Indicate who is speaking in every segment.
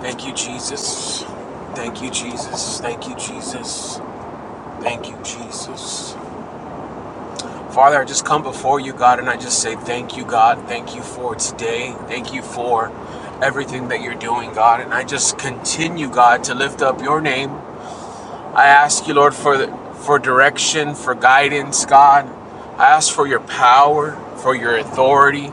Speaker 1: Thank you, Jesus. Thank you, Jesus. Thank you, Jesus. Thank you, Jesus. Father, I just come before you, God, and I just say thank you, God. Thank you for today. Thank you for everything that you're doing, God. And I just continue, God, to lift up your name. I ask you, Lord, for for direction, for guidance, God. I ask for your power, for your authority.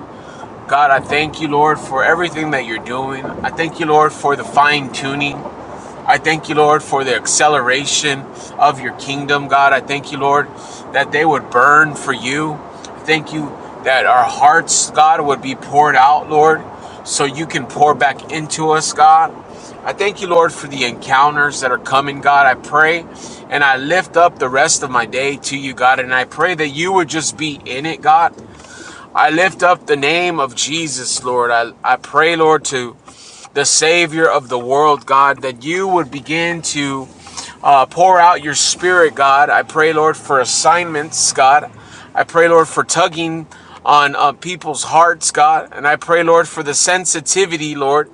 Speaker 1: God, I thank you, Lord, for everything that you're doing. I thank you, Lord, for the fine tuning. I thank you, Lord, for the acceleration of your kingdom, God. I thank you, Lord, that they would burn for you. I thank you that our hearts, God, would be poured out, Lord, so you can pour back into us, God. I thank you, Lord, for the encounters that are coming, God. I pray and I lift up the rest of my day to you, God, and I pray that you would just be in it, God. I lift up the name of Jesus, Lord. I, I pray, Lord, to the Savior of the world, God, that you would begin to uh, pour out your Spirit, God. I pray, Lord, for assignments, God. I pray, Lord, for tugging on uh, people's hearts, God. And I pray, Lord, for the sensitivity, Lord,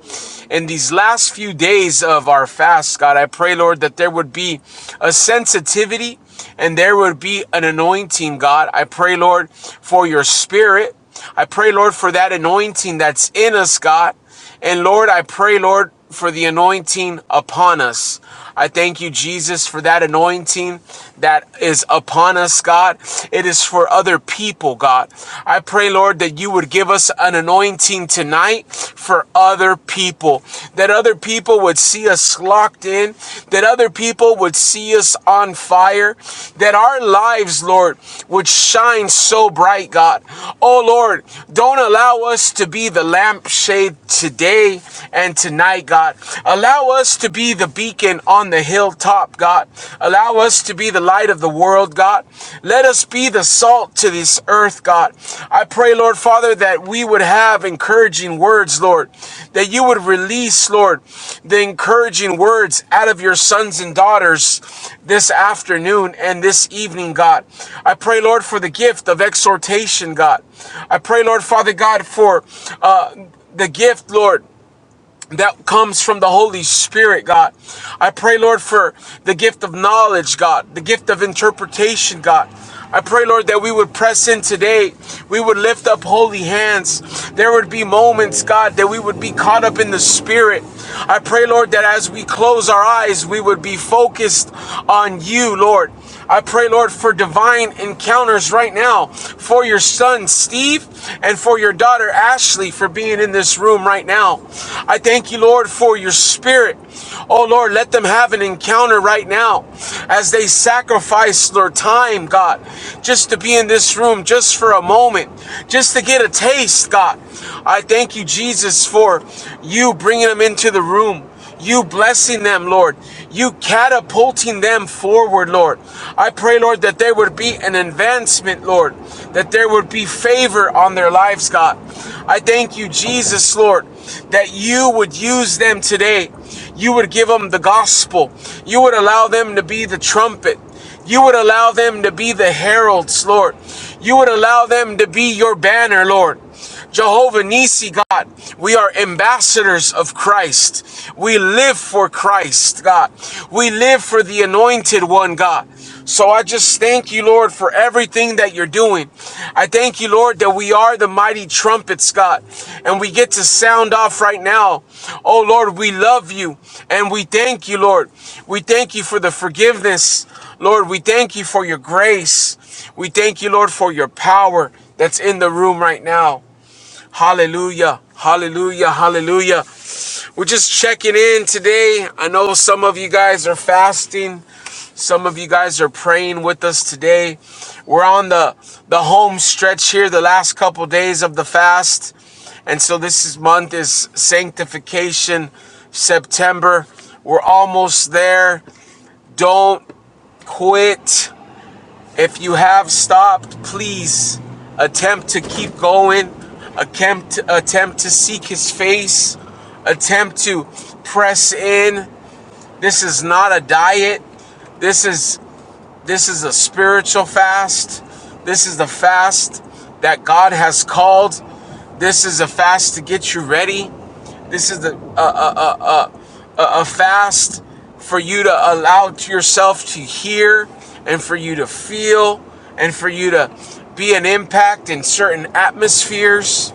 Speaker 1: in these last few days of our fast, God. I pray, Lord, that there would be a sensitivity and there would be an anointing, God. I pray, Lord, for your Spirit. I pray, Lord, for that anointing that's in us, God. And Lord, I pray, Lord, for the anointing upon us. I thank you, Jesus, for that anointing that is upon us, God. It is for other people, God. I pray, Lord, that you would give us an anointing tonight for other people, that other people would see us locked in, that other people would would see us on fire, that our lives, Lord, would shine so bright, God. Oh, Lord, don't allow us to be the lampshade today and tonight, God. Allow us to be the beacon on the hilltop, God. Allow us to be the light of the world, God. Let us be the salt to this earth earth, God. I pray, Lord Father, that we would have encouraging words, Lord, that you would release, Lord, the encouraging words out of your sons and daughters this afternoon and this evening, God. I pray, Lord, for the gift of exhortation, God. I pray, Lord Father God, for uh, the gift, Lord that comes from the Holy Spirit, God. I pray, Lord, for the gift of knowledge, God, the gift of interpretation, God. I pray, Lord, that we would press in today. We would lift up holy hands. There would be moments, God, that we would be caught up in the Spirit. I pray, Lord, that as we close our eyes, we would be focused on you, Lord. I pray, Lord, for divine encounters right now for your son, Steve, and for your daughter, Ashley, for being in this room right now. I thank you, Lord, for your spirit. Oh, Lord, let them have an encounter right now as they sacrifice their time, God, just to be in this room just for a moment, just to get a taste, God. I thank you, Jesus, for you bringing them into the room. You blessing them, Lord. You catapulting them forward, Lord. I pray, Lord, that there would be an advancement, Lord. That there would be favor on their lives, God. I thank you, Jesus, Lord, that you would use them today. You would give them the gospel. You would allow them to be the trumpet. You would allow them to be the heralds, Lord. You would allow them to be your banner, Lord. Jehovah Nissi, God, we are ambassadors of Christ. We live for Christ, God. We live for the anointed one, God. So I just thank you, Lord, for everything that you're you're doing. I thank you, Lord, that we are the mighty trumpets, God, and we get to sound off right now. Oh, Lord, we love you and we thank you, Lord. We thank you for the forgiveness. Lord, we thank you for your grace. We thank you, Lord, for your power that's in the room right now. Hallelujah. Hallelujah. Hallelujah. We're just checking in today. I know some of you guys are fasting. Some of you guys are praying with us today. We're on the the home stretch here the last couple days of the fast. And so this is month is sanctification September. We're almost there. Don't quit. If you have stopped, please attempt to keep going. Attempt attempt to seek his face. Attempt to press in. This is not a diet. This is this is a spiritual fast. This is the fast that God has called. This is a fast to get you ready. This is the, a, a fast for you to allow yourself to hear and for you to feel and for you to be an impact in certain atmospheres.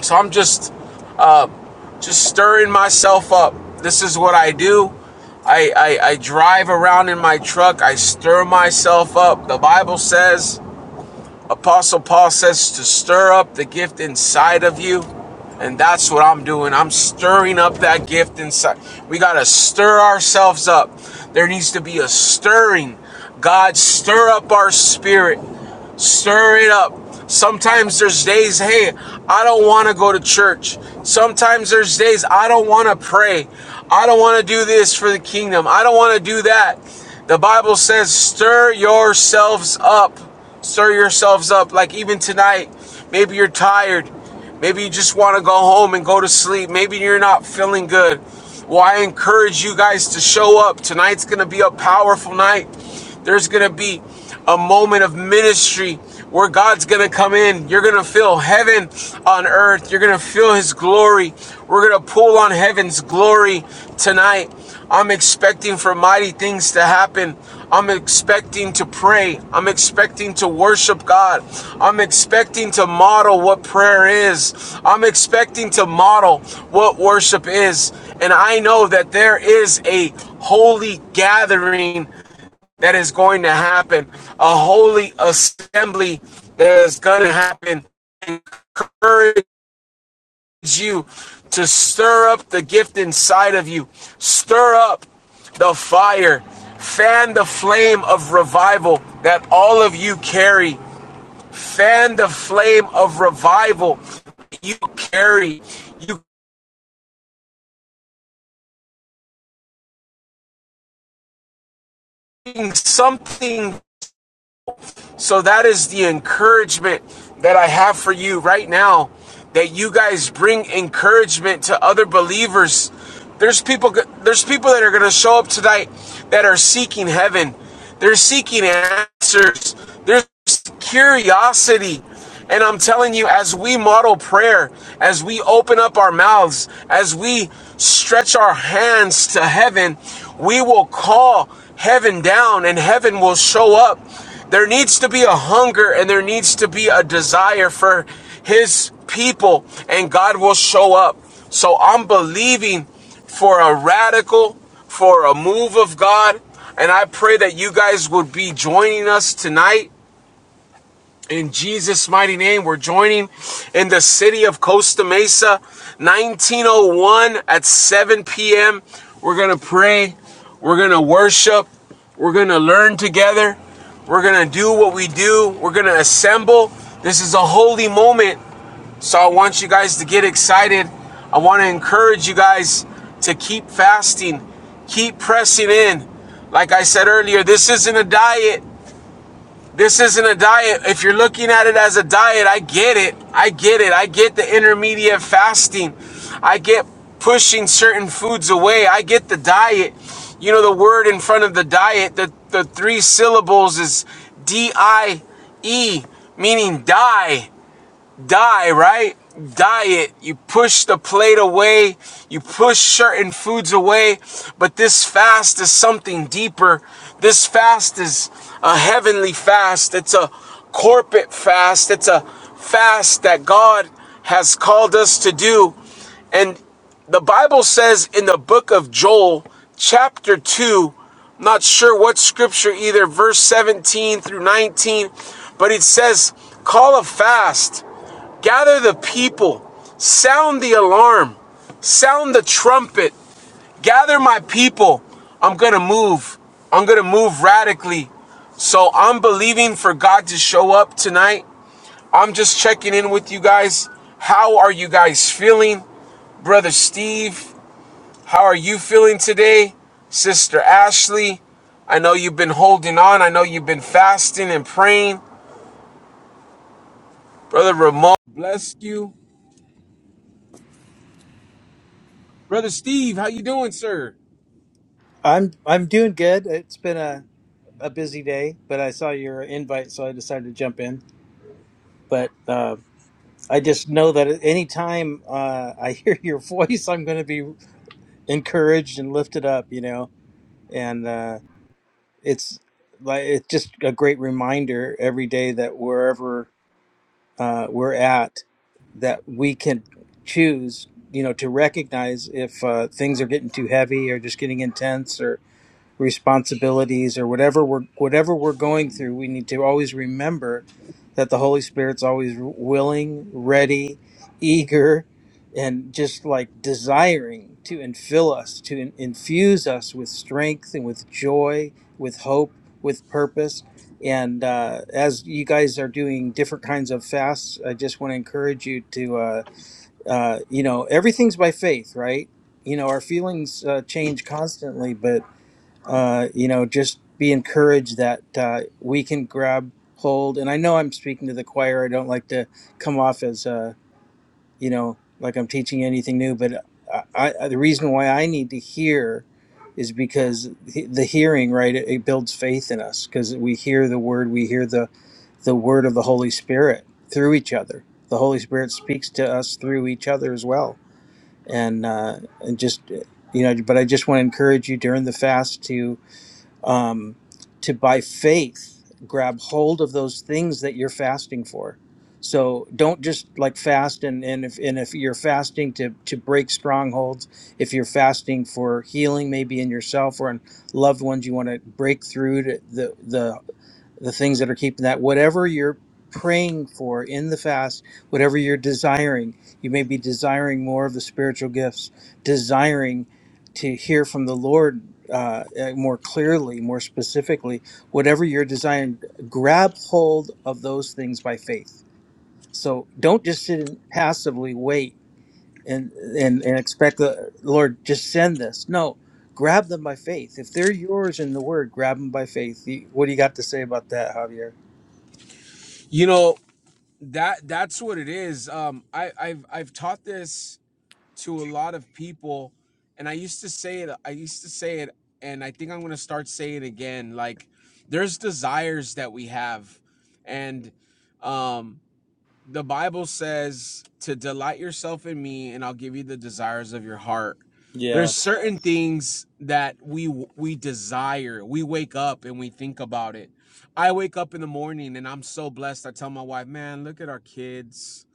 Speaker 1: So I'm just just stirring myself up. This is what I do. I, I, I drive around in my truck. I stir myself up. The Bible says Apostle Paul says to stir up the gift inside of you. And that's what I'm doing. I'm stirring up that gift inside. We got to stir ourselves up. There needs to be a stirring. God, stir up our spirit. Stir it up. Sometimes there's days, hey, I don't want to go to church. Sometimes there's days I don't want to pray. I don't want to do this for the kingdom. I don't want to do that. The Bible says, stir yourselves up. Stir yourselves up. Like even tonight, maybe you're tired. Maybe you just want to go home and go to sleep. Maybe you're not feeling good. Well, I encourage you guys to show up. Tonight's going to be a powerful night. There's going to be a moment of ministry where God's going to come in. You're going to feel heaven on earth. You're going to feel His glory. We're going to pull on heaven's glory tonight. I'm expecting for mighty things to happen. I'm expecting to pray. I'm expecting to worship God. I'm expecting to model what prayer is. I'm expecting to model what worship is. And I know that there is a holy gathering that is going to happen, a holy assembly that is going to happen Encourage you to stir up the gift inside of you. Stir up the fire. Fan the flame of revival that all of you carry. Fan the flame of revival you carry. You bring something So that is the encouragement that I have for you right now that you guys bring encouragement to other believers. There's people there's people that are going to show up tonight that are seeking heaven. They're seeking answers. There's curiosity. And I'm telling you, as we model prayer, as we open up our mouths, as we stretch our hands to heaven, we will call heaven down and heaven will show up. There needs to be a hunger and there needs to be a desire for his people, and God will show up. So I'm believing for a radical, for a move of God. And I pray that you guys would be joining us tonight in Jesus' mighty name, we're joining in the city of Costa Mesa, 1901 at 7 p.m. We're going to pray. We're going to worship. We're going to learn together. We're going to do what we do. We're going to assemble. This is a holy moment. So I want you guys to get excited. I want to encourage you guys to keep fasting, keep pressing in. Like I said earlier, this isn't a diet. This isn't a diet. If you're looking at it as a diet, I get it. I get it. I get the intermediate fasting. I get pushing certain foods away. I get the diet. You know, the word in front of the diet, the, the three syllables is D I E, meaning die die, right? Diet. You push the plate away, you push certain foods away, but this fast is something deeper. This fast is a heavenly fast. It's a corporate fast. It's a fast that God has called us to do. And the Bible says in the book of Joel, chapter 2, I'm not sure what scripture either, verse 17 through 19, but it says, Call a fast. Gather the people, sound the alarm, sound the trumpet, gather my people. I'm gonna move. I'm gonna move radically. So I'm believing for God to show up tonight. I'm just checking in with you guys. How are you guys feeling? Brother Steve, how are you feeling today? Sister Ashley, I know you've been holding on. I know you've been fasting and praying. Brother Ramon, bless you. brother Steve. How you doing, sir?
Speaker 2: I'm I'm doing good. It's been a, a busy day, but I saw your invite, so I decided to jump in. But uh, I just know that at any time uh, I hear your voice, I'm going to be encouraged and lifted up, you know. And uh, it's like it's just a great reminder every day that wherever uh, we're at, that we can choose, you know, to recognize if uh, things are getting too heavy or just getting intense responsibilities or whatever we're whatever we're going through we need to always remember that the holy spirit's always willing ready eager and just like desiring to infill us to in- infuse us with strength and with joy with hope with purpose and uh, as you guys are doing different kinds of fasts i just want to encourage you to uh, uh, you know everything's by faith right you know our feelings uh, change constantly but uh, you know, just be encouraged that uh, we can grab hold. And I know I'm speaking to the choir. I don't like to come off as, uh, you know, like I'm teaching anything new. But I, I, the reason why I need to hear is because he- the hearing, right, it, it builds faith in us because we hear the word, we hear the the word of the Holy Spirit through each other. The Holy Spirit speaks to us through each other as well. And uh, and just you know, but I just want to encourage you during the fast to um, to by faith grab hold of those things that you're fasting for. So don't just like fast and, and if and if you're fasting to to break strongholds, if you're fasting for healing maybe in yourself or in loved ones, you want to break through to the the the things that are keeping that whatever you're praying for in the fast whatever you're desiring you may be desiring more of the spiritual gifts desiring to hear from the lord uh, uh, more clearly more specifically whatever you're desiring grab hold of those things by faith so don't just sit and passively wait and and, and expect the lord just send this no grab them by faith if they're yours in the word grab them by faith You- what do you got to say about that javier
Speaker 1: You know that that's what it is. Um, I, I've I've taught this to a lot of people, and I used to say it. I used to say it, and I think I'm gonna start saying it again. Like, there's desires that we have, and um, the Bible says to delight yourself in me and I'll give you the desires of your heart. There's
Speaker 2: Yes.
Speaker 1: certain things that we we desire. We wake up and we think about it. I wake up in the morning and I'm so blessed. I tell my wife, "Man, look at our kids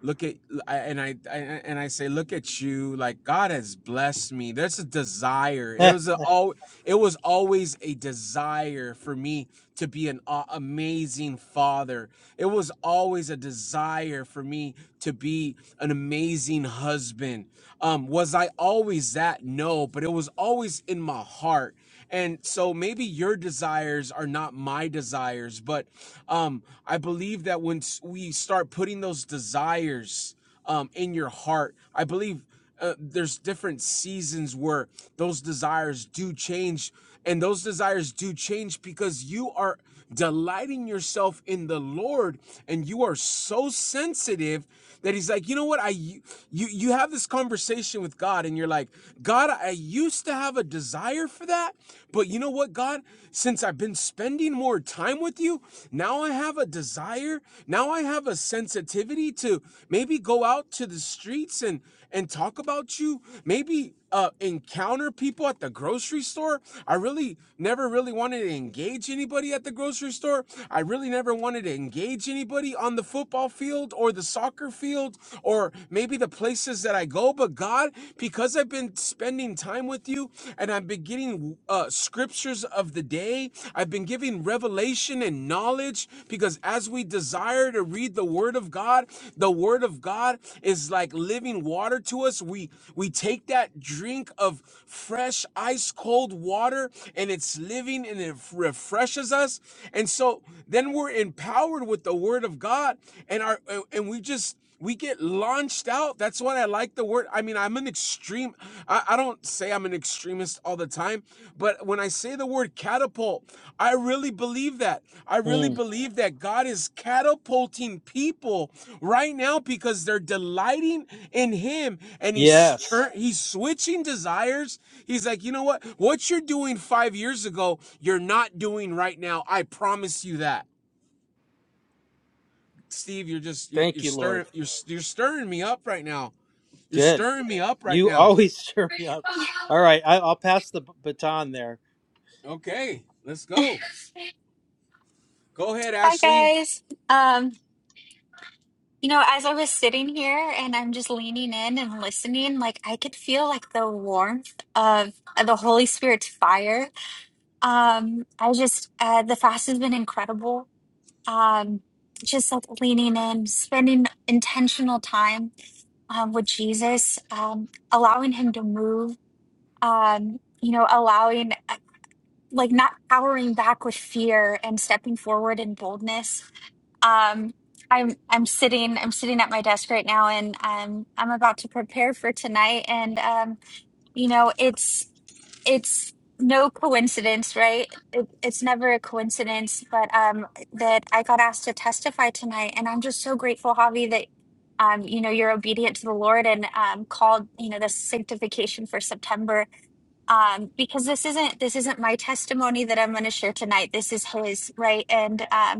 Speaker 1: look at and I, I and I say look at you like God has blessed me. There's a desire. It
Speaker 2: Eh,
Speaker 1: was a all it was always a desire for me to be an amazing father. It was always a desire for me to be an amazing husband. Um was I always that? No, but it was always in my heart. And so maybe your desires are not my desires, but um, I believe that when we start putting those desires um, in your heart, I believe uh, there's different seasons where those desires do change and those desires do change because you are delighting yourself in the Lord, and you are so sensitive that He's like, you know what? I you you have this conversation with God, and you're like, God, I used to have a desire for that, but you know what, God? Since I've been spending more time with you, now I have a desire. Now I have a sensitivity to maybe go out to the streets and and talk about you. Maybe uh encounter people at the grocery store. I really never really wanted to engage anybody at the grocery store. I really never wanted to engage anybody on the football field or the soccer field or maybe the places that I go. But God, because I've been spending time with you and I've been getting uh, scriptures of the day, I've been giving revelation and knowledge because as we desire to read the word of God, the word of God is like living water to us. We we take that drink of fresh ice cold water and it's living and it refreshes us. And so then we're empowered with the word of God and our and we just we get launched out. That's what I like the word. I mean, I'm an extreme. I, I don't say I'm an extremist all the time, but when I say the word catapult, I really believe that. I really
Speaker 2: mm,
Speaker 1: believe that God is catapulting people right now because they're delighting in Him, and He's
Speaker 2: Yes.
Speaker 1: turn, He's switching desires. He's like, you know what? What you're doing five years ago, you're not doing right now. I promise you that. Steve, you're just you're
Speaker 2: Thank
Speaker 1: you're
Speaker 2: you, Lord.
Speaker 1: stirring you're you're stirring me up right now you're
Speaker 2: Good.
Speaker 1: stirring me up right
Speaker 2: You
Speaker 1: now.
Speaker 2: always cheer me up. All
Speaker 3: Hi
Speaker 2: right. I, I'll pass the b- baton there.
Speaker 1: Okay, let's go. Go ahead, Ashley.
Speaker 3: guys. Um, you know, as I was sitting here and I'm just leaning in and listening, like I could feel like the warmth of, of the Holy Spirit's fire. Um, I just uh, the fast has been incredible. Um, just like leaning in, spending intentional time um, with Jesus, um, allowing him to move, um, you know, allowing, uh, like, not powering back with fear and stepping forward in boldness. Um, I'm I'm sitting I'm sitting at my desk right now, and um, I'm about to prepare for tonight. And um, you know, it's it's no coincidence, right? It, it's never a coincidence, but um, that I got asked to testify tonight, and I'm just so grateful, Javi, that um, you know, you're obedient to the Lord and um, called, you know, this sanctification for September, um, because this isn't this isn't my testimony that I'm going to share tonight. This is His, right? And um,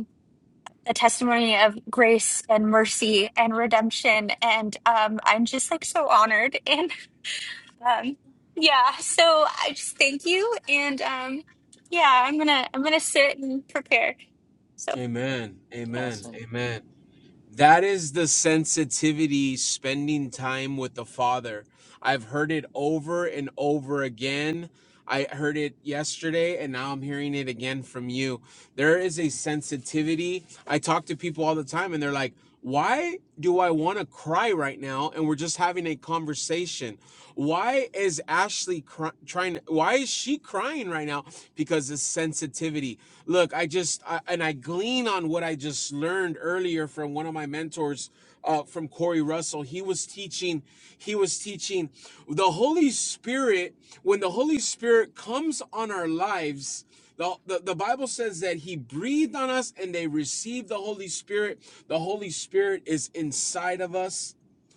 Speaker 3: a testimony of grace and mercy and redemption and um i'm just like so honored and um yeah so i just thank you and um yeah i'm gonna i'm gonna sit and prepare so
Speaker 1: Amen.
Speaker 3: yeah
Speaker 1: Amen.
Speaker 2: Awesome.
Speaker 1: Amen. That is the sensitivity spending time with the Father. I've heard it over and over again. I heard it yesterday and now I'm hearing it again from you. There is a sensitivity. I talk to people all the time and they're like, why do I want to cry right now? And we're just having a conversation. Why is Ashley cry- trying? Why is she crying right now? Because of sensitivity look i just I, and i glean on what i just learned earlier from one of my mentors uh, from corey russell he was teaching he was teaching the holy spirit when the holy spirit comes on our lives the, the, the bible says that he breathed on us and they received the holy spirit the holy spirit is inside of us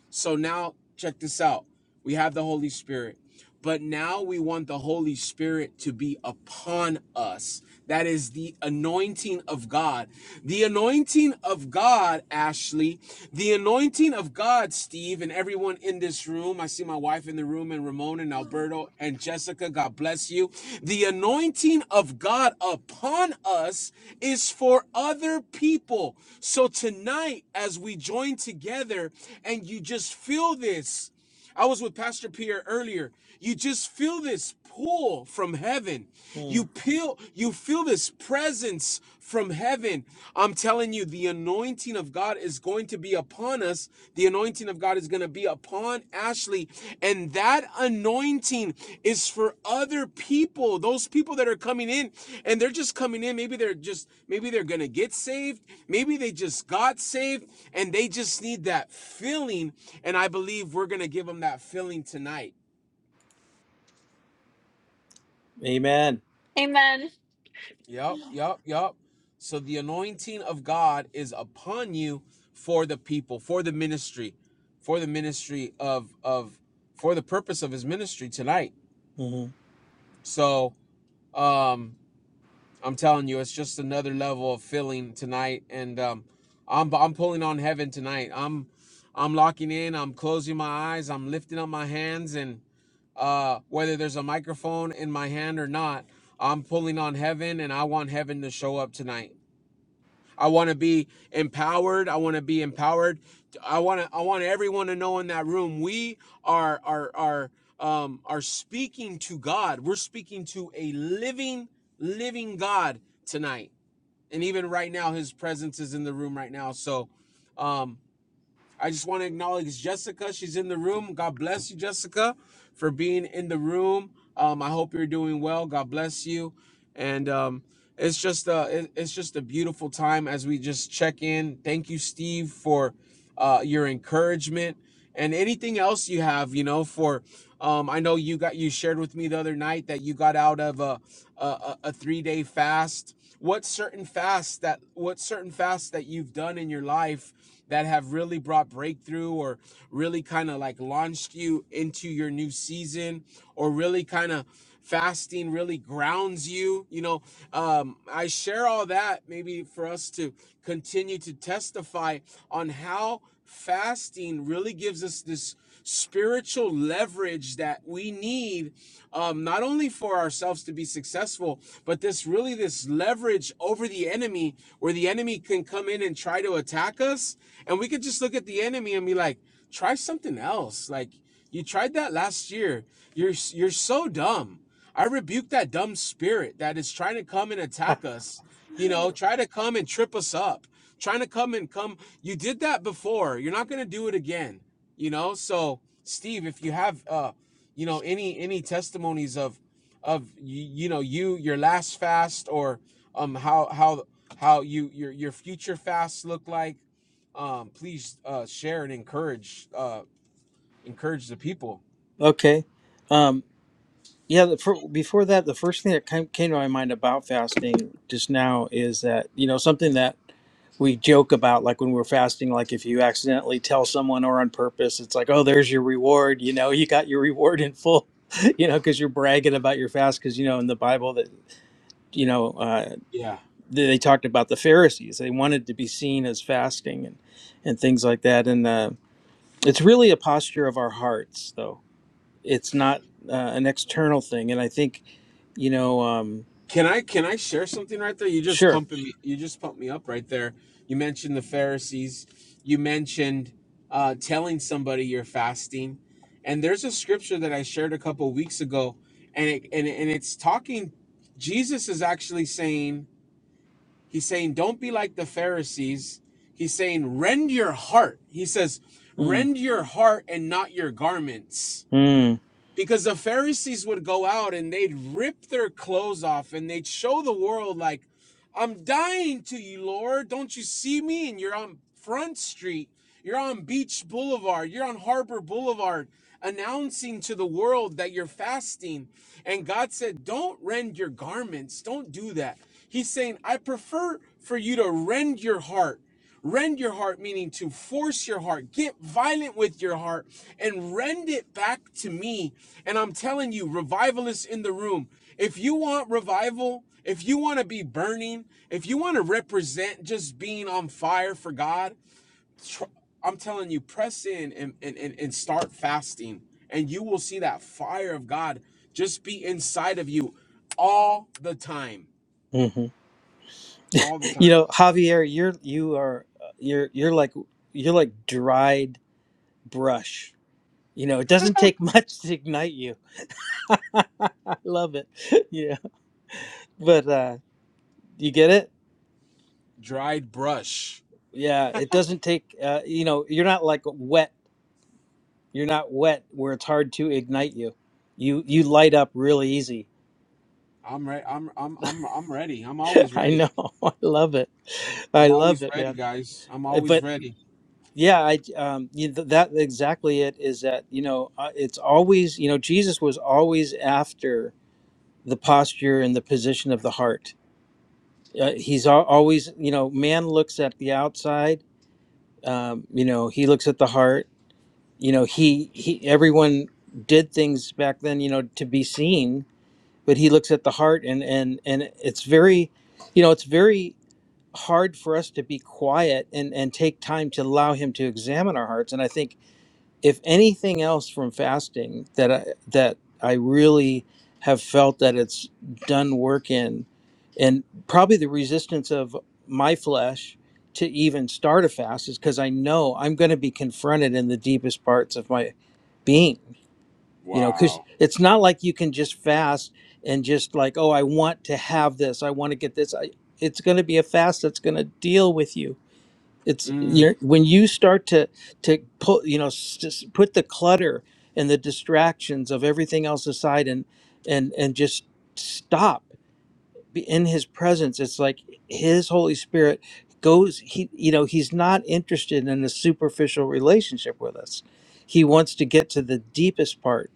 Speaker 1: so now check this out we have the holy spirit but now we want the Holy Spirit to be upon us. That is the anointing of God. The anointing of God, Ashley, the anointing of God, Steve, and everyone in this room. I see my wife in the room, and Ramon and Alberto and Jessica. God bless you. The anointing of God upon us is for other people. So tonight, as we join together and you just feel this. I was with Pastor Pierre earlier. You just feel this pull from heaven.
Speaker 2: Mm,
Speaker 1: You feel you feel this presence from heaven. I'm telling you, the anointing of God is going to be upon us. The anointing of God is going to be upon Ashley, and that anointing is for other people, those people that are coming in and they're just coming in. Maybe they're just, maybe they're going to get saved. Maybe they just got saved and they just need that filling. And I believe we're going to give them that filling tonight.
Speaker 2: Amen.
Speaker 3: amen
Speaker 1: Yep, yep, yep. So the anointing of God is upon you for the people, for the ministry, for the ministry of, of, for the purpose of his ministry tonight.
Speaker 2: hmm
Speaker 1: So, um, I'm telling you, it's just another level of feeling tonight, and um, I'm I'm pulling on heaven tonight. I'm I'm locking in. I'm closing my eyes. I'm lifting up my hands, and uh, whether there's a microphone in my hand or not, I'm pulling on heaven, and I want heaven to show up tonight. I want to be empowered. I want to be empowered. I want to. I want everyone to know in that room we are are are um are speaking to God. We're speaking to a living living God tonight, and even right now, His presence is in the room right now. So, um, I just want to acknowledge Jessica. She's in the room. God bless you, Jessica, for being in the room. Um, I hope you're doing well. God bless you. And um, it's just a it- it's just a beautiful time as we just check in. Thank you, Steve, for uh, your encouragement and anything else you have. You know, for um, I know you got you shared with me the other night that you got out of a a, a three day fast what certain fasts that what certain fasts that you've done in your life that have really brought breakthrough or really kind of like launched you into your new season or really kind of fasting really grounds you you know um, i share all that maybe for us to continue to testify on how fasting really gives us this spiritual leverage that we need um, not only for ourselves to be successful but this really this leverage over the enemy where the enemy can come in and try to attack us and we could just look at the enemy and be like try something else like you tried that last year you're you're so dumb i rebuke that dumb spirit that is trying to come and attack us you know try to come and trip us up trying to come and come you did that before you're not going to do it again you know so steve if you have uh you know any any testimonies of of you, you know you your last fast or um how how how you your your future fasts look like um please uh share and encourage uh encourage the people
Speaker 2: okay. Um, Yeah, the, for, before that, the first thing that came, came to my mind about fasting just now is that, you know, something that we joke about, like when we're fasting, like if you accidentally tell someone or on purpose, it's like, oh, there's your reward. You know, you got your reward in full, you know, because you're bragging about your fast. Because, you know, in the Bible, that, you know, uh,
Speaker 1: yeah
Speaker 2: they they talked about the Pharisees. They wanted to be seen as fasting and, and things like that. And uh, it's really a posture of our hearts, though. It's not uh, an external thing. And I think you know, um,
Speaker 1: Can I can I share something right there? You just
Speaker 2: sure.
Speaker 1: pumping me. You just pumped me up right there. You mentioned the Pharisees. You mentioned uh, telling somebody you're fasting, and there's a scripture that I shared a couple weeks ago, and it, and and it's talking. Jesus is actually saying he's saying don't be like the Pharisees. He's saying rend your heart. He says
Speaker 2: Mm,
Speaker 1: rend your heart and not your garments
Speaker 2: mm,
Speaker 1: because the Pharisees would go out and they'd rip their clothes off and they'd show the world like, "I'm dying to you, Lord. Don't you see me? And you're on Front Street. You're on Beach Boulevard. You're on Harbor Boulevard announcing to the world that you're fasting. And God said, Don't rend your garments. Don't do that. He's saying, I prefer for you to rend your heart. Rend your heart, meaning to force your heart, get violent with your heart, and rend it back to me. And I'm telling you, revivalists in the room, if you want revival, if you want to be burning, if you want to represent just being on fire for God, tr- I'm telling you, press in and, and, and, and start fasting, and you will see that fire of God just be inside of you all the time.
Speaker 2: hmm
Speaker 1: All the
Speaker 2: You
Speaker 1: time.
Speaker 2: know, Javier, you're you are uh, you're you're like you're like dried brush. You know, it doesn't take much to ignite you. I love it. Yeah, but uh, you get it.
Speaker 1: Dried brush.
Speaker 2: Yeah, it doesn't take. Uh, you know, you're not like wet. You're not wet where it's hard to ignite you. You you light up really easy.
Speaker 1: I'm ready. I'm I'm I'm I'm ready. I'm always
Speaker 2: I
Speaker 1: ready.
Speaker 2: know. I love it. I
Speaker 1: I'm
Speaker 2: love
Speaker 1: always
Speaker 2: it,
Speaker 1: ready,
Speaker 2: man.
Speaker 1: guys. I'm
Speaker 2: Uh, But
Speaker 1: always ready.
Speaker 2: Yeah, I um, you, th- that exactly it is that you know uh, it's always you know Jesus was always after the posture and the position of the heart. Uh, he's al- always you know man looks at the outside, um, you know he looks at the heart. You know he he everyone did things back then you know to be seen, but he looks at the heart and and and it's very, you know it's very hard for us to be quiet and and take time to allow him to examine our hearts and i think if anything else from fasting that I that I really have felt that it's done work in and probably the resistance of my flesh to even start a fast is because I know I'm going to be confronted in the deepest parts of my being you know because
Speaker 1: Wow.
Speaker 2: it's not like you can just fast and just like oh I want to have this I want to get this I it's going to be a fast that's going to deal with you it's
Speaker 1: Mm,
Speaker 2: you're, when you start to to put you know s- just put the clutter and the distractions of everything else aside and and and just stop be in his presence it's like his holy spirit goes he you know he's not interested in a superficial relationship with us he wants to get to the deepest part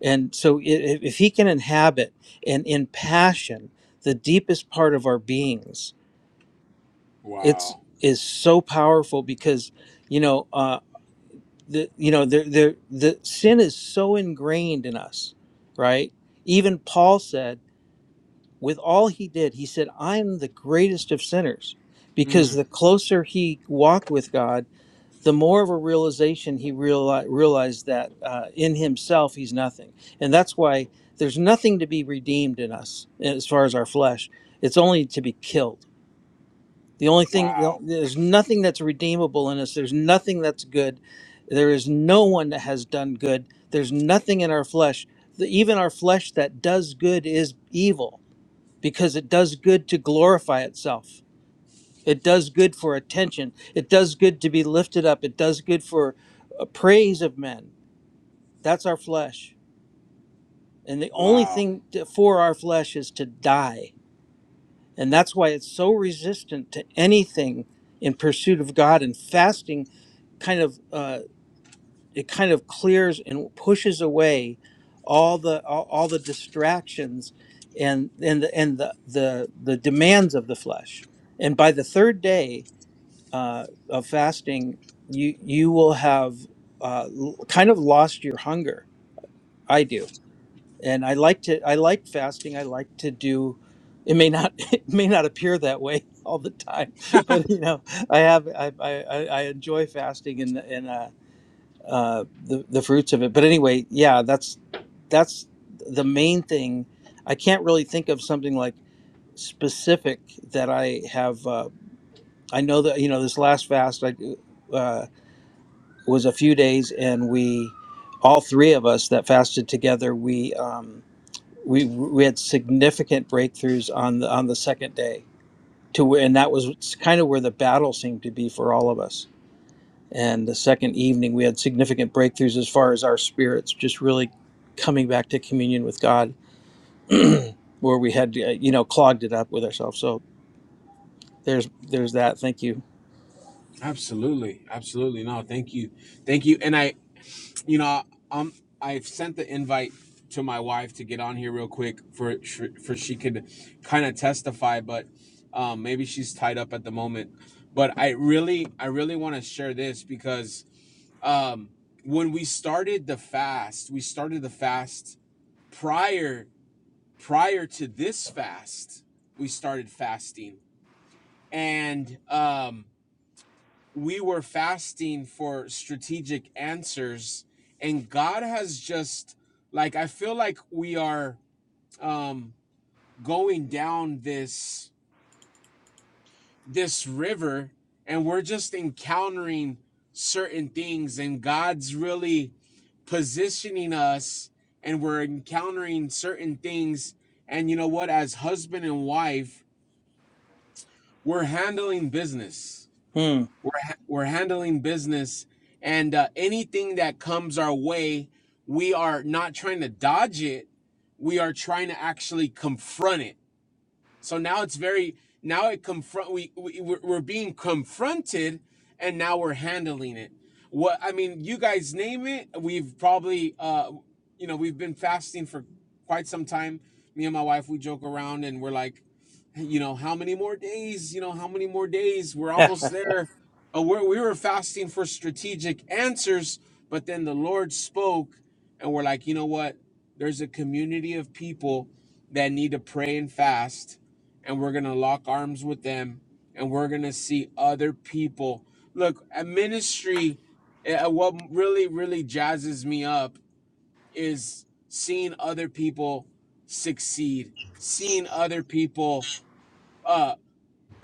Speaker 2: and so i- if, if he can inhabit and impassion the deepest part of our beings it's
Speaker 1: wow.
Speaker 2: is so powerful because you know uh the you know the the the sin is so ingrained in us right even paul said with all he did he said i'm the greatest of sinners because
Speaker 1: Mm,
Speaker 2: the closer he walked with god the more of a realization he reali- realized that uh, in himself he's nothing and that's why there's nothing to be redeemed in us as far as our flesh it's only to be killed the only thing,
Speaker 1: wow.
Speaker 2: there's nothing that's redeemable in us. There's nothing that's good. There is no one that has done good. There's nothing in our flesh. The- Even our flesh that does good is evil because it does good to glorify itself. It does good for attention. It does good to be lifted up. It does good for uh, praise of men. That's our flesh. And the only
Speaker 1: Wow.
Speaker 2: thing to- for our flesh is to die And that's why it's so resistant to anything in pursuit of God. And fasting kind of uh, it kind of clears and pushes away all the all, all the distractions and and the, and the, the the demands of the flesh. And by the third day uh, of fasting, you you will have uh, l- kind of lost your hunger. I do and I like to I like fasting. I like to do it may not it may not appear that way all the time, but you know I have I I, I I enjoy fasting and and uh, uh, the the fruits of it. But anyway, yeah, that's that's the main thing. I can't really think of something like specific that I have. Uh, I know that you know this last fast I uh, was a few days, and we all three of us that fasted together we. Um, we we had significant breakthroughs on the on the second day to where and that was kind of where the battle seemed to be for all of us and the second evening we had significant breakthroughs as far as our spirits just really coming back to communion with god where we had uh, you know clogged it up with ourselves so there's there's that thank you
Speaker 1: Absolutely. Absolutely. No, thank you. Thank you. And I you know, um, I've sent the invite to my wife to get on here real quick for for she could kind of testify, but um, maybe she's tied up at the moment. But I really, I really want to share this because um, when we started the fast, we started the fast prior prior to this fast. We started fasting, and um, we were fasting for strategic answers and god has just like i feel like we are um going down this this river and we're just encountering certain things and god's really positioning us and we're encountering certain things and you know what as husband and wife we're handling business
Speaker 2: hmm.
Speaker 1: we're ha- we're handling business and uh, anything that comes our way we are not trying to dodge it we are trying to actually confront it so now it's very now it confront we, we we're being confronted, and now we're handling it. What I mean, you guys name it. We've probably uh, you know, we've been fasting for quite some time. Me and my wife, we joke around and we're like, you know, how many more days? You know, how many more days? We're almost there. Uh, we're, we were fasting for strategic answers, but then the Lord spoke, and we're like, you know what? There's a community of people that need to pray and fast and we're going to lock arms with them and we're going to see other people. Look, a ministry, uh, what really, really jazzes me up is seeing other people succeed, seeing other people. Uh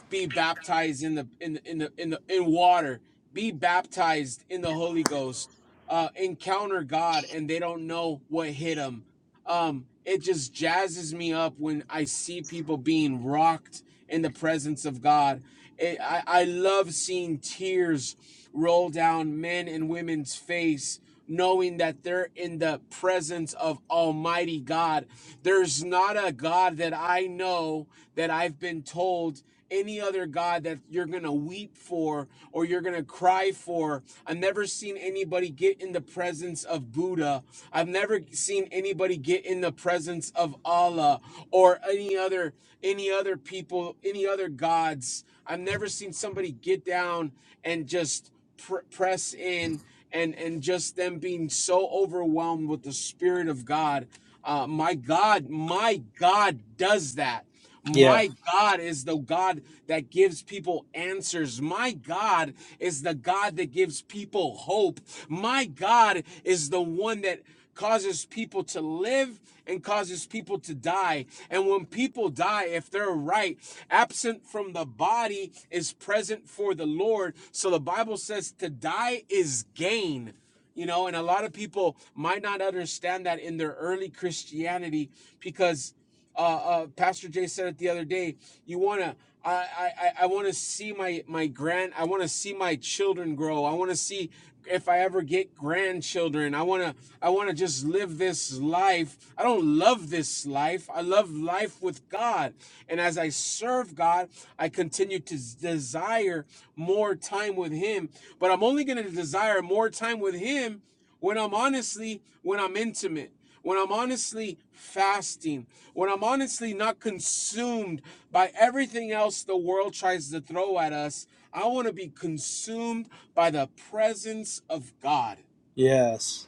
Speaker 1: be baptized in the in in the in the in water be baptized in the holy ghost uh encounter god and they don't know what hit them um it just jazzes me up when i see people being rocked in the presence of god it, i i love seeing tears roll down men and women's face knowing that they're in the presence of Almighty God. There's not a God that I know that I've been told any other God that you're going to weep for or you're going to cry for. I've never seen anybody get in the presence of Buddha. I've never seen anybody get in the presence of Allah or any other any other people, any other gods. I've never seen somebody get down and just pr- press in and and just them being so overwhelmed with the spirit of god uh my god my god does that
Speaker 2: yeah
Speaker 1: my God is the God that gives people answers. My God is the God that gives people hope. My God is the one that causes people to live and causes people to die. And when people die, if they're right, absent from the body is present for the Lord. So the Bible says to die is gain. You know, and a lot of people might not understand that in their early Christianity because uh, uh, Pastor Jay said it the other day. You wanna, I, I, I wanna see my my grand. I wanna see my children grow. I wanna see if I ever get grandchildren. I wanna, I wanna just live this life. I don't love this life. I love life with God. And as I serve God, I continue to s- desire more time with Him. But I'm only gonna desire more time with Him when I'm honestly when I'm intimate when I'm honestly fasting, when I'm honestly not consumed by everything else the world tries to throw at us, I want to be consumed by the presence of God.
Speaker 2: yes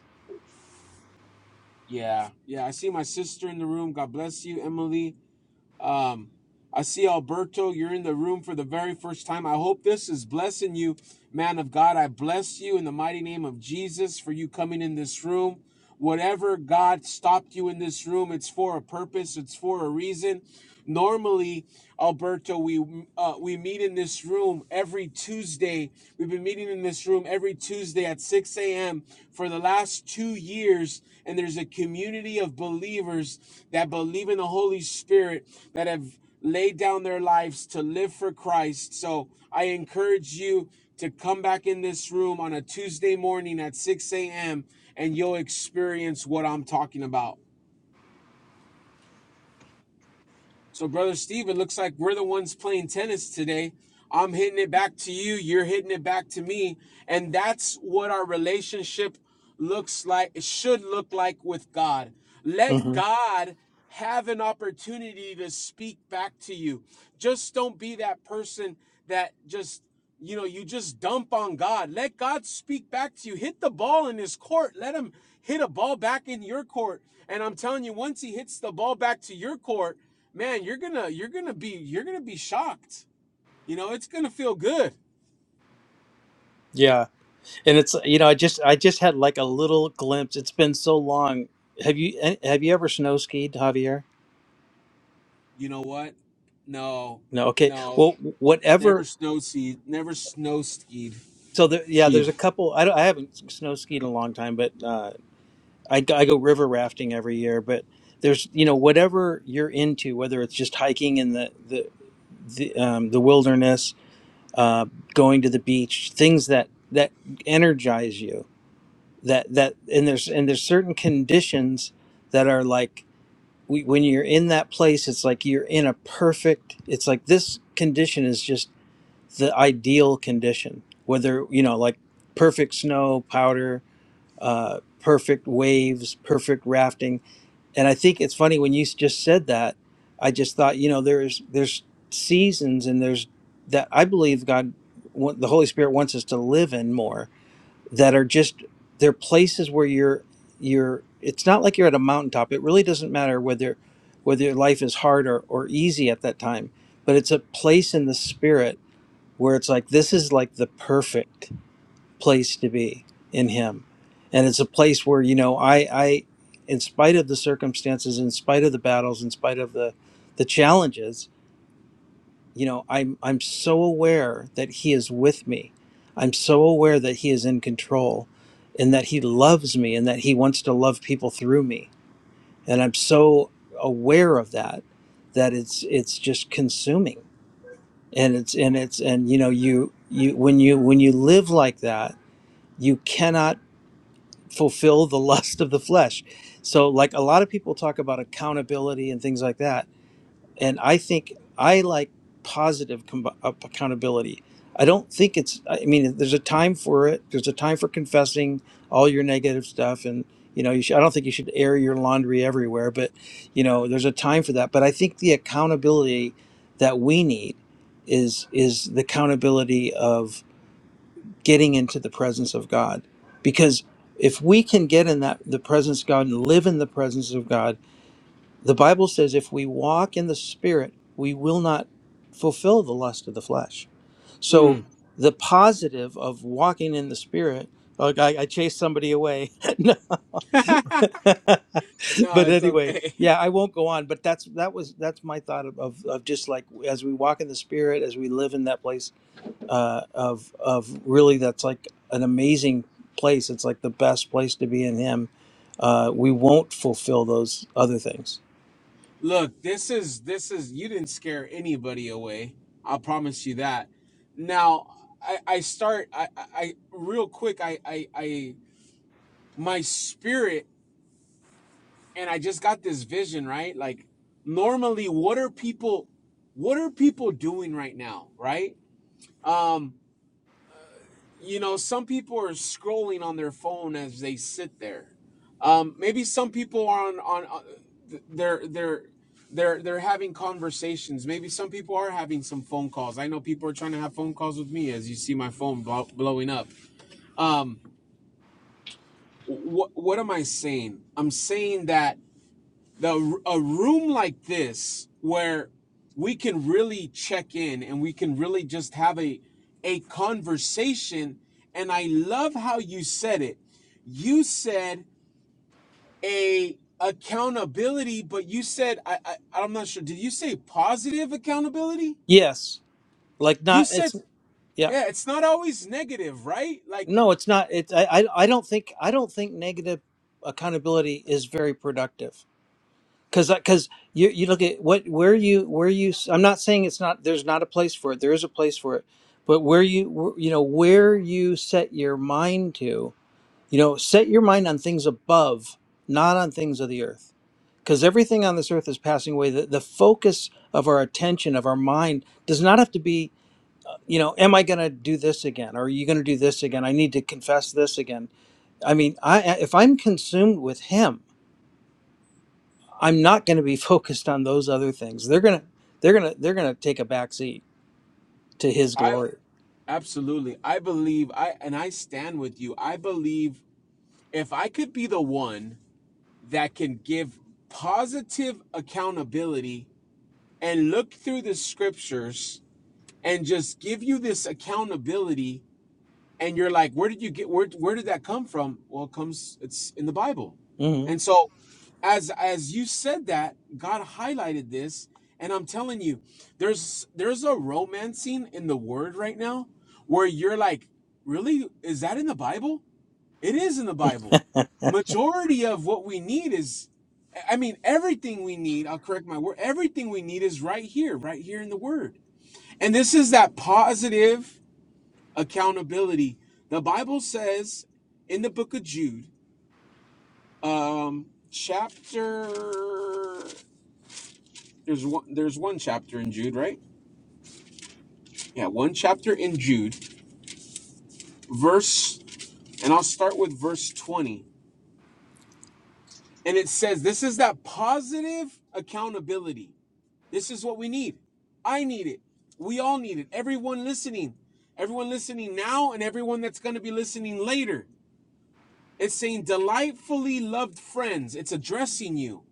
Speaker 1: Yeah, yeah. I see my sister in the room. God bless you, Emily. Um, I see Alberto, you're in the room for the very first time. I hope this is blessing you, man of God. I bless you in the mighty name of Jesus for you coming in this room. Whatever God stopped you in this room, it's for a purpose, it's for a reason. Normally, Alberto, we uh, we meet in this room every Tuesday. We've been meeting in this room every Tuesday at 6 a.m. for the last two years, and there's a community of believers that believe in the Holy Spirit that have laid down their lives to live for Christ. So I encourage you to come back in this room on a Tuesday morning at 6 a.m. and you'll experience what I'm talking about. So, Brother Steve, it looks like we're the ones playing tennis today. I'm hitting it back to you. You're hitting it back to me. And that's what our relationship looks like, it should look like with God. Let
Speaker 2: hmm
Speaker 1: God have an opportunity to speak back to you. Just don't be that person that just, you know, you just dump on God. Let God speak back to you. Hit the ball in his court. Let him hit a ball back in your court. And I'm telling you, once he hits the ball back to your court, man, you're gonna you're gonna be you're gonna be shocked. You know, it's gonna feel good.
Speaker 2: yeah and it's you know i just i just had like a little glimpse it's been so long have you eh, have you ever snow skied javier
Speaker 1: You know what? No,
Speaker 2: No, okay.
Speaker 1: no,
Speaker 2: Well,
Speaker 1: never
Speaker 2: whatever.
Speaker 1: snow skied, never snow skied,
Speaker 2: So there, yeah,
Speaker 1: skied.
Speaker 2: there's a couple. I don't, I haven't snow skied in a long time, but uh, I go- I go river rafting every year. But there's you know whatever you're into, whether it's just hiking in the the the, um, the wilderness, uh, going to the beach, things that that energize you. That that and there's and there's certain conditions that are like we, when you're in that place, it's like you're in a perfect. It's like this condition is just the ideal condition whether you know like perfect snow powder uh, perfect waves perfect rafting and i think it's funny when you s- just said that i just thought you know there's there's seasons and there's that i believe god wa- the holy spirit wants us to live in more that are just they're places where you're you're it's not like you're at a mountaintop it really doesn't matter whether whether your life is hard or, or easy at that time but it's a place in the spirit where it's like this is like the perfect place to be in him and it's a place where you know i i in spite of the circumstances in spite of the battles in spite of the the challenges you know i'm i'm so aware that he is with me i'm so aware that he is in control and that he loves me and that he wants to love people through me and i'm so aware of that that it's it's just consuming and it's and it's and you know you you when you when you live like that you cannot fulfill the lust of the flesh so like a lot of people talk about accountability and things like that and I think I like positive com- up- accountability. I don't think it's. I mean, there's a time for it. There's a time for confessing all your negative stuff, and you know, you should, I don't think you should air your laundry everywhere. But you know, there's a time for that. But I think the accountability that we need is is the accountability of getting into the presence of God, because if we can get in that the presence of God and live in the presence of God the Bible says if we walk in the Spirit, we will not fulfill the lust of the flesh. So
Speaker 1: Mm.
Speaker 2: the positive of walking in the Spirit, like I, I chased somebody away. No.
Speaker 1: no,
Speaker 2: but
Speaker 1: it's
Speaker 2: anyway,
Speaker 1: okay.
Speaker 2: yeah, I won't go on. But that's that was that's my thought of, of of just like as we walk in the Spirit, as we live in that place uh, of of really that's like an amazing place. It's like the best place to be in Him. Uh, we won't fulfill those other things.
Speaker 1: Look, this is this is you didn't scare anybody away. I'll promise you that. Now, I I start I I I- real quick. I I I my spirit and I just got this vision, right? Like normally what are people what are people doing right now, right? Um, you know, some people are scrolling on their phone as they sit there. Um, maybe some people are on on uh, they're they're they're they're having conversations. Maybe some people are having some phone calls. I know people are trying to have phone calls with me as you see my phone blow, blowing up. Um, what what am I saying? I'm saying that the a room like this where we can really check in and we can really just have a a conversation and i love how you said it you said a accountability but you said i, I i'm not sure did you say positive accountability
Speaker 2: Yes. like
Speaker 1: you
Speaker 2: not
Speaker 1: said
Speaker 2: it's yeah
Speaker 1: yeah it's not always negative right like
Speaker 2: no it's not it's i i I don't think i don't think negative accountability is very productive because because you you look at what where you where you s- i'm not saying it's not there's not a place for it there is a place for it but where you you know where you set your mind to you know set your mind on things above not on things of the earth because everything on this earth is passing away the, the focus of our attention of our mind does not have to be you know am i going to do this again Or are you going to do this again i need to confess this again i mean i if i'm consumed with him i'm not going to be focused on those other things they're going to they're going to they're going to take a back seat to his
Speaker 1: i
Speaker 2: glory
Speaker 1: absolutely i believe i and i stand with you i believe if i could be the one that can give positive accountability and look through the scriptures and just give you this accountability and you're like where did you get where where did that come from well it comes it's in the bible
Speaker 2: hmm
Speaker 1: and so as as you said that god highlighted this and i'm telling you there's there's a romancing in the word right now where you're like really is that in the bible it is in the Bible. Majority of what we need is, I mean, everything we need, I'll correct my word, everything we need is right here, right here in the Word. And this is that positive accountability. The Bible says in the book of Jude, um, chapter, there's one, there's one chapter in Jude, right? Yeah, one chapter in Jude, verse, and I'll start with verse 20. And it says, this is that positive accountability This is what we need. I need it. We all need it. Everyone listening, everyone listening now, and everyone that's going to be listening later. It's saying, delightfully loved friends. It's addressing you.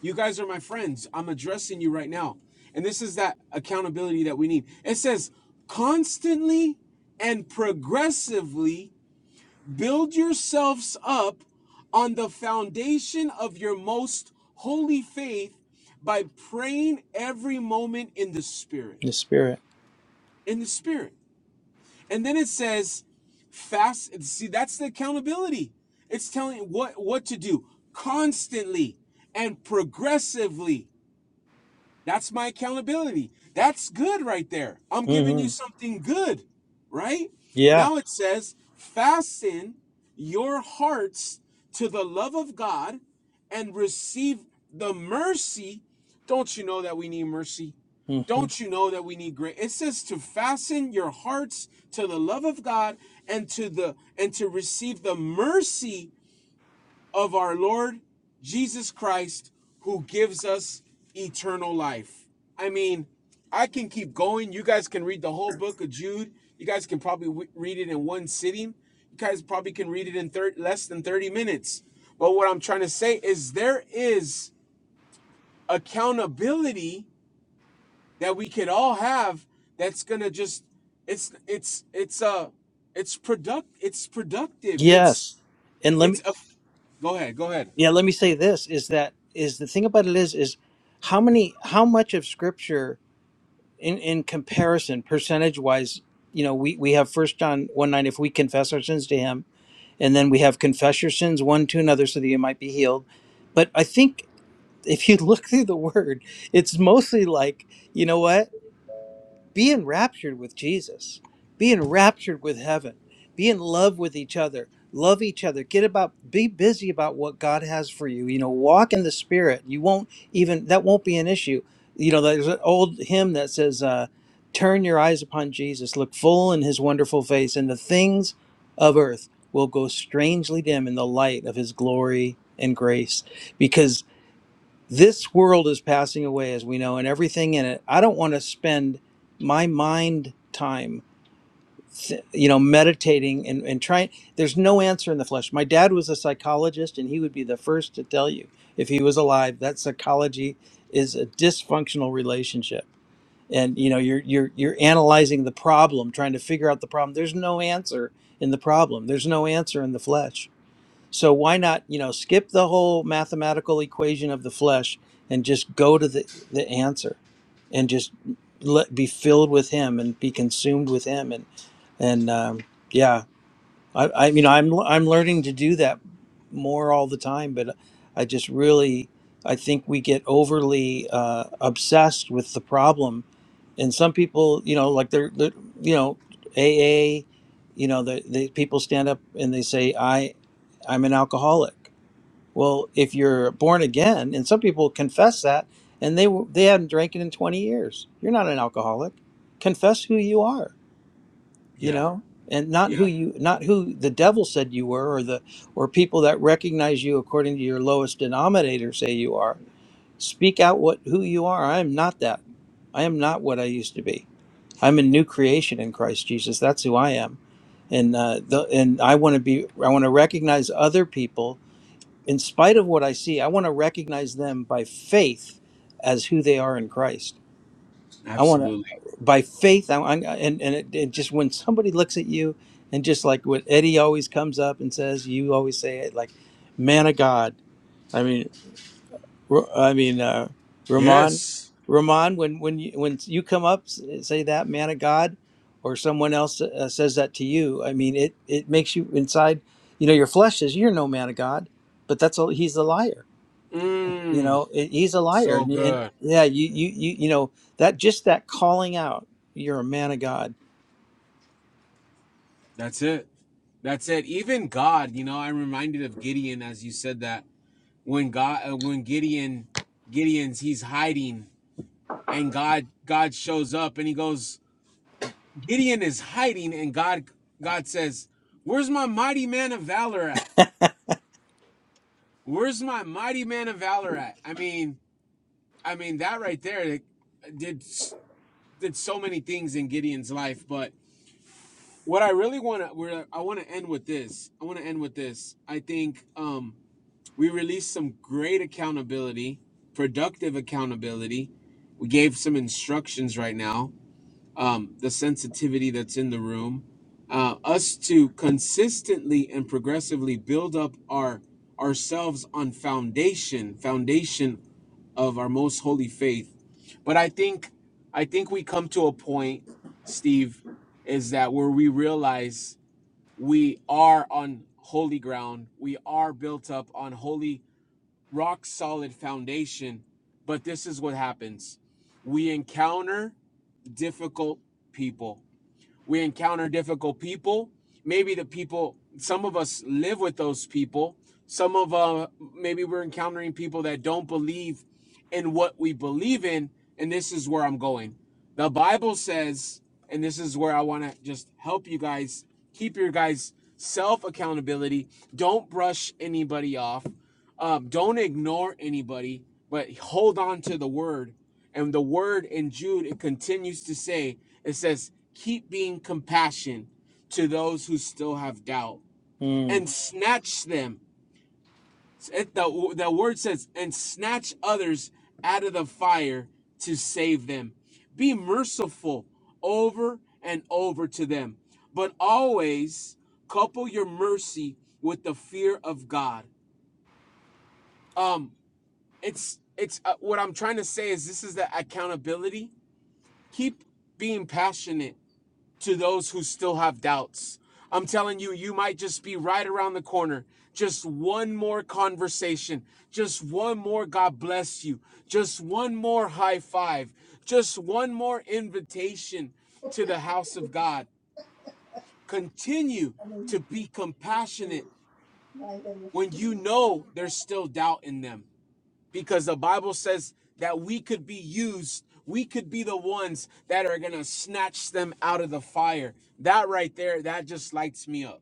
Speaker 1: You guys are my friends. I'm addressing you right now. And this is that accountability that we need. It says, constantly and progressively Build yourselves up on the foundation of your most holy faith by praying every moment in the Spirit.
Speaker 2: the spirit
Speaker 1: In the Spirit. And then it says, fast. See, that's the accountability. It's telling you what, what to do constantly and progressively. That's my accountability. That's good right there. I'm giving you
Speaker 2: hmm
Speaker 1: something good, right?
Speaker 2: yeah
Speaker 1: Now it says, fasten your hearts to the love of God and receive the mercy. Don't you know that we need mercy?
Speaker 2: hmm
Speaker 1: Don't you know that we need grace? It says to fasten your hearts to the love of God and to the and to receive the mercy of our Lord Jesus Christ, who gives us eternal life. I mean, I can keep going. You guys can read the whole book of Jude. You guys can probably read it in one sitting. You guys probably can read it in less than 30 minutes. But what I'm trying to say is there is accountability that we could all have that's going to just it's it's it's uh it's product it's productive. It's
Speaker 2: yes and let me
Speaker 1: it's a go ahead, go ahead.
Speaker 2: yeah let me say this is that is the thing about it is is how many how much of scripture in in comparison percentage wise you know we we have first john 1 9 if we confess our sins to him and then we have confess your sins one to another so that you might be healed but i think if you look through the word it's mostly like you know what be enraptured with Jesus, be enraptured with heaven, be in love with each other, love each other, get about, be busy about what God has for you. You know, walk in the Spirit. You won't even, that won't be an issue. You know, there's an old hymn that says, uh, Turn your eyes upon Jesus, look full in his wonderful face, and the things of earth will go strangely dim in the light of his glory and grace. Because this world is passing away, as we know, and everything in it. I don't want to spend my mind time, th- you know, meditating and, and trying. There's no answer in the flesh. My dad was a psychologist, and he would be the first to tell you, if he was alive, that psychology is a dysfunctional relationship. And you know, you're you're you're analyzing the problem, trying to figure out the problem. There's no answer in the problem. There's no answer in the flesh so why not, you know, skip the whole mathematical equation of the flesh and just go to the, the answer and just let be filled with him and be consumed with him and and um, yeah I, I you know I'm I'm learning to do that more all the time, but I just really I think we get overly uh, obsessed with the problem, and some people you know like they're, they're you know AA, you know the, the people stand up and they say I I'm an alcoholic. Well, if you're born again, and some people confess that, and they w- they have not drank it in 20 years, you're not an alcoholic. Confess who you are you
Speaker 1: Yeah.
Speaker 2: know and not
Speaker 1: Yeah.
Speaker 2: who you not who the devil said you were or the or people that recognize you according to your lowest denominator say you are speak out what who you are i am not that i am not what i used to be i'm a new creation in christ jesus that's who i am and uh, the, and i want to be i want to recognize other people in spite of what i see i want to recognize them by faith as who they are in christ I want to,
Speaker 1: Absolutely.
Speaker 2: by faith, I, I and and it, it just when somebody looks at you and just like what Eddie always comes up and says, you always say it like, man of God. I mean, Ro- I mean, uh, Ramon,
Speaker 1: Yes.
Speaker 2: Ramon, when when you when you come up s- say that man of God, or someone else uh, says that to you, I mean, it it makes you inside. You know, your flesh says you're no man of God, but that's all. He's a liar you
Speaker 1: Mm,
Speaker 2: know it, he's a liar
Speaker 1: so
Speaker 2: and, and
Speaker 1: good.
Speaker 2: yeah you, you you you know that just that calling out you're a man of god
Speaker 1: That's it. That's it. Even God, you know, I'm reminded of Gideon as you said that when God, uh, when Gideon, Gideon's he's hiding, and God, God shows up, and he goes, Gideon is hiding, and God, God says, "Where's my mighty man of valor at? Where's my mighty man of valor at?" I mean, I mean that right there it did did so many things in Gideon's life, but what I really want to I want to end with this. I want to end with this. I think um we released some great accountability, productive accountability. We gave some instructions right now. Um the sensitivity that's in the room. Uh us to consistently and progressively build up our ourselves on foundation, foundation of our most holy faith. But I think I think we come to a point, Steve, is that where we realize we are on holy ground. We are built up on holy, rock solid foundation. But this is what happens we encounter difficult people we encounter difficult people maybe the people some of us live with those people some of uh maybe we're encountering people that don't believe in what we believe in and this is where i'm going the bible says and this is where i want to just help you guys keep your guys self accountability don't brush anybody off um, don't ignore anybody but hold on to the word and the word in jude it continues to say it says, keep being compassion to those who still have doubt
Speaker 2: mm.
Speaker 1: and snatch them. It, the, the word says, and snatch others out of the fire to save them. Be merciful over and over to them, but always couple your mercy with the fear of God. Um, it's it's uh, what I'm trying to say is this is the accountability. Keep being passionate to those who still have doubts. I'm telling you, you might just be right around the corner. Just one more conversation, just one more God bless you, just one more high five, just one more invitation to the house of God. Continue to be compassionate when you know there's still doubt in them because the Bible says that we could be used. We could be the ones that are going to snatch them out of the fire. That right there, that just lights me up.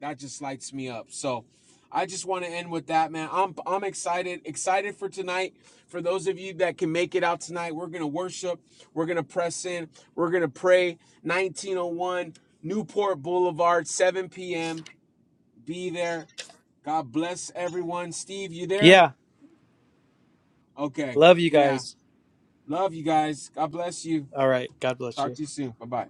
Speaker 1: That just lights me up. So I just want to end with that, man. I'm I'm excited, excited for tonight. For those of you that can make it out tonight, we're going to worship. We're going to press in. We're going to pray. 1901 Newport Boulevard, 7 p.m. Be there. God bless everyone. Steve, you there?
Speaker 2: yeah
Speaker 1: Okay.
Speaker 2: love you
Speaker 1: Yeah.
Speaker 2: guys
Speaker 1: Love you guys. God bless you.
Speaker 2: all right god bless you
Speaker 1: Talk to you soon. Bye bye.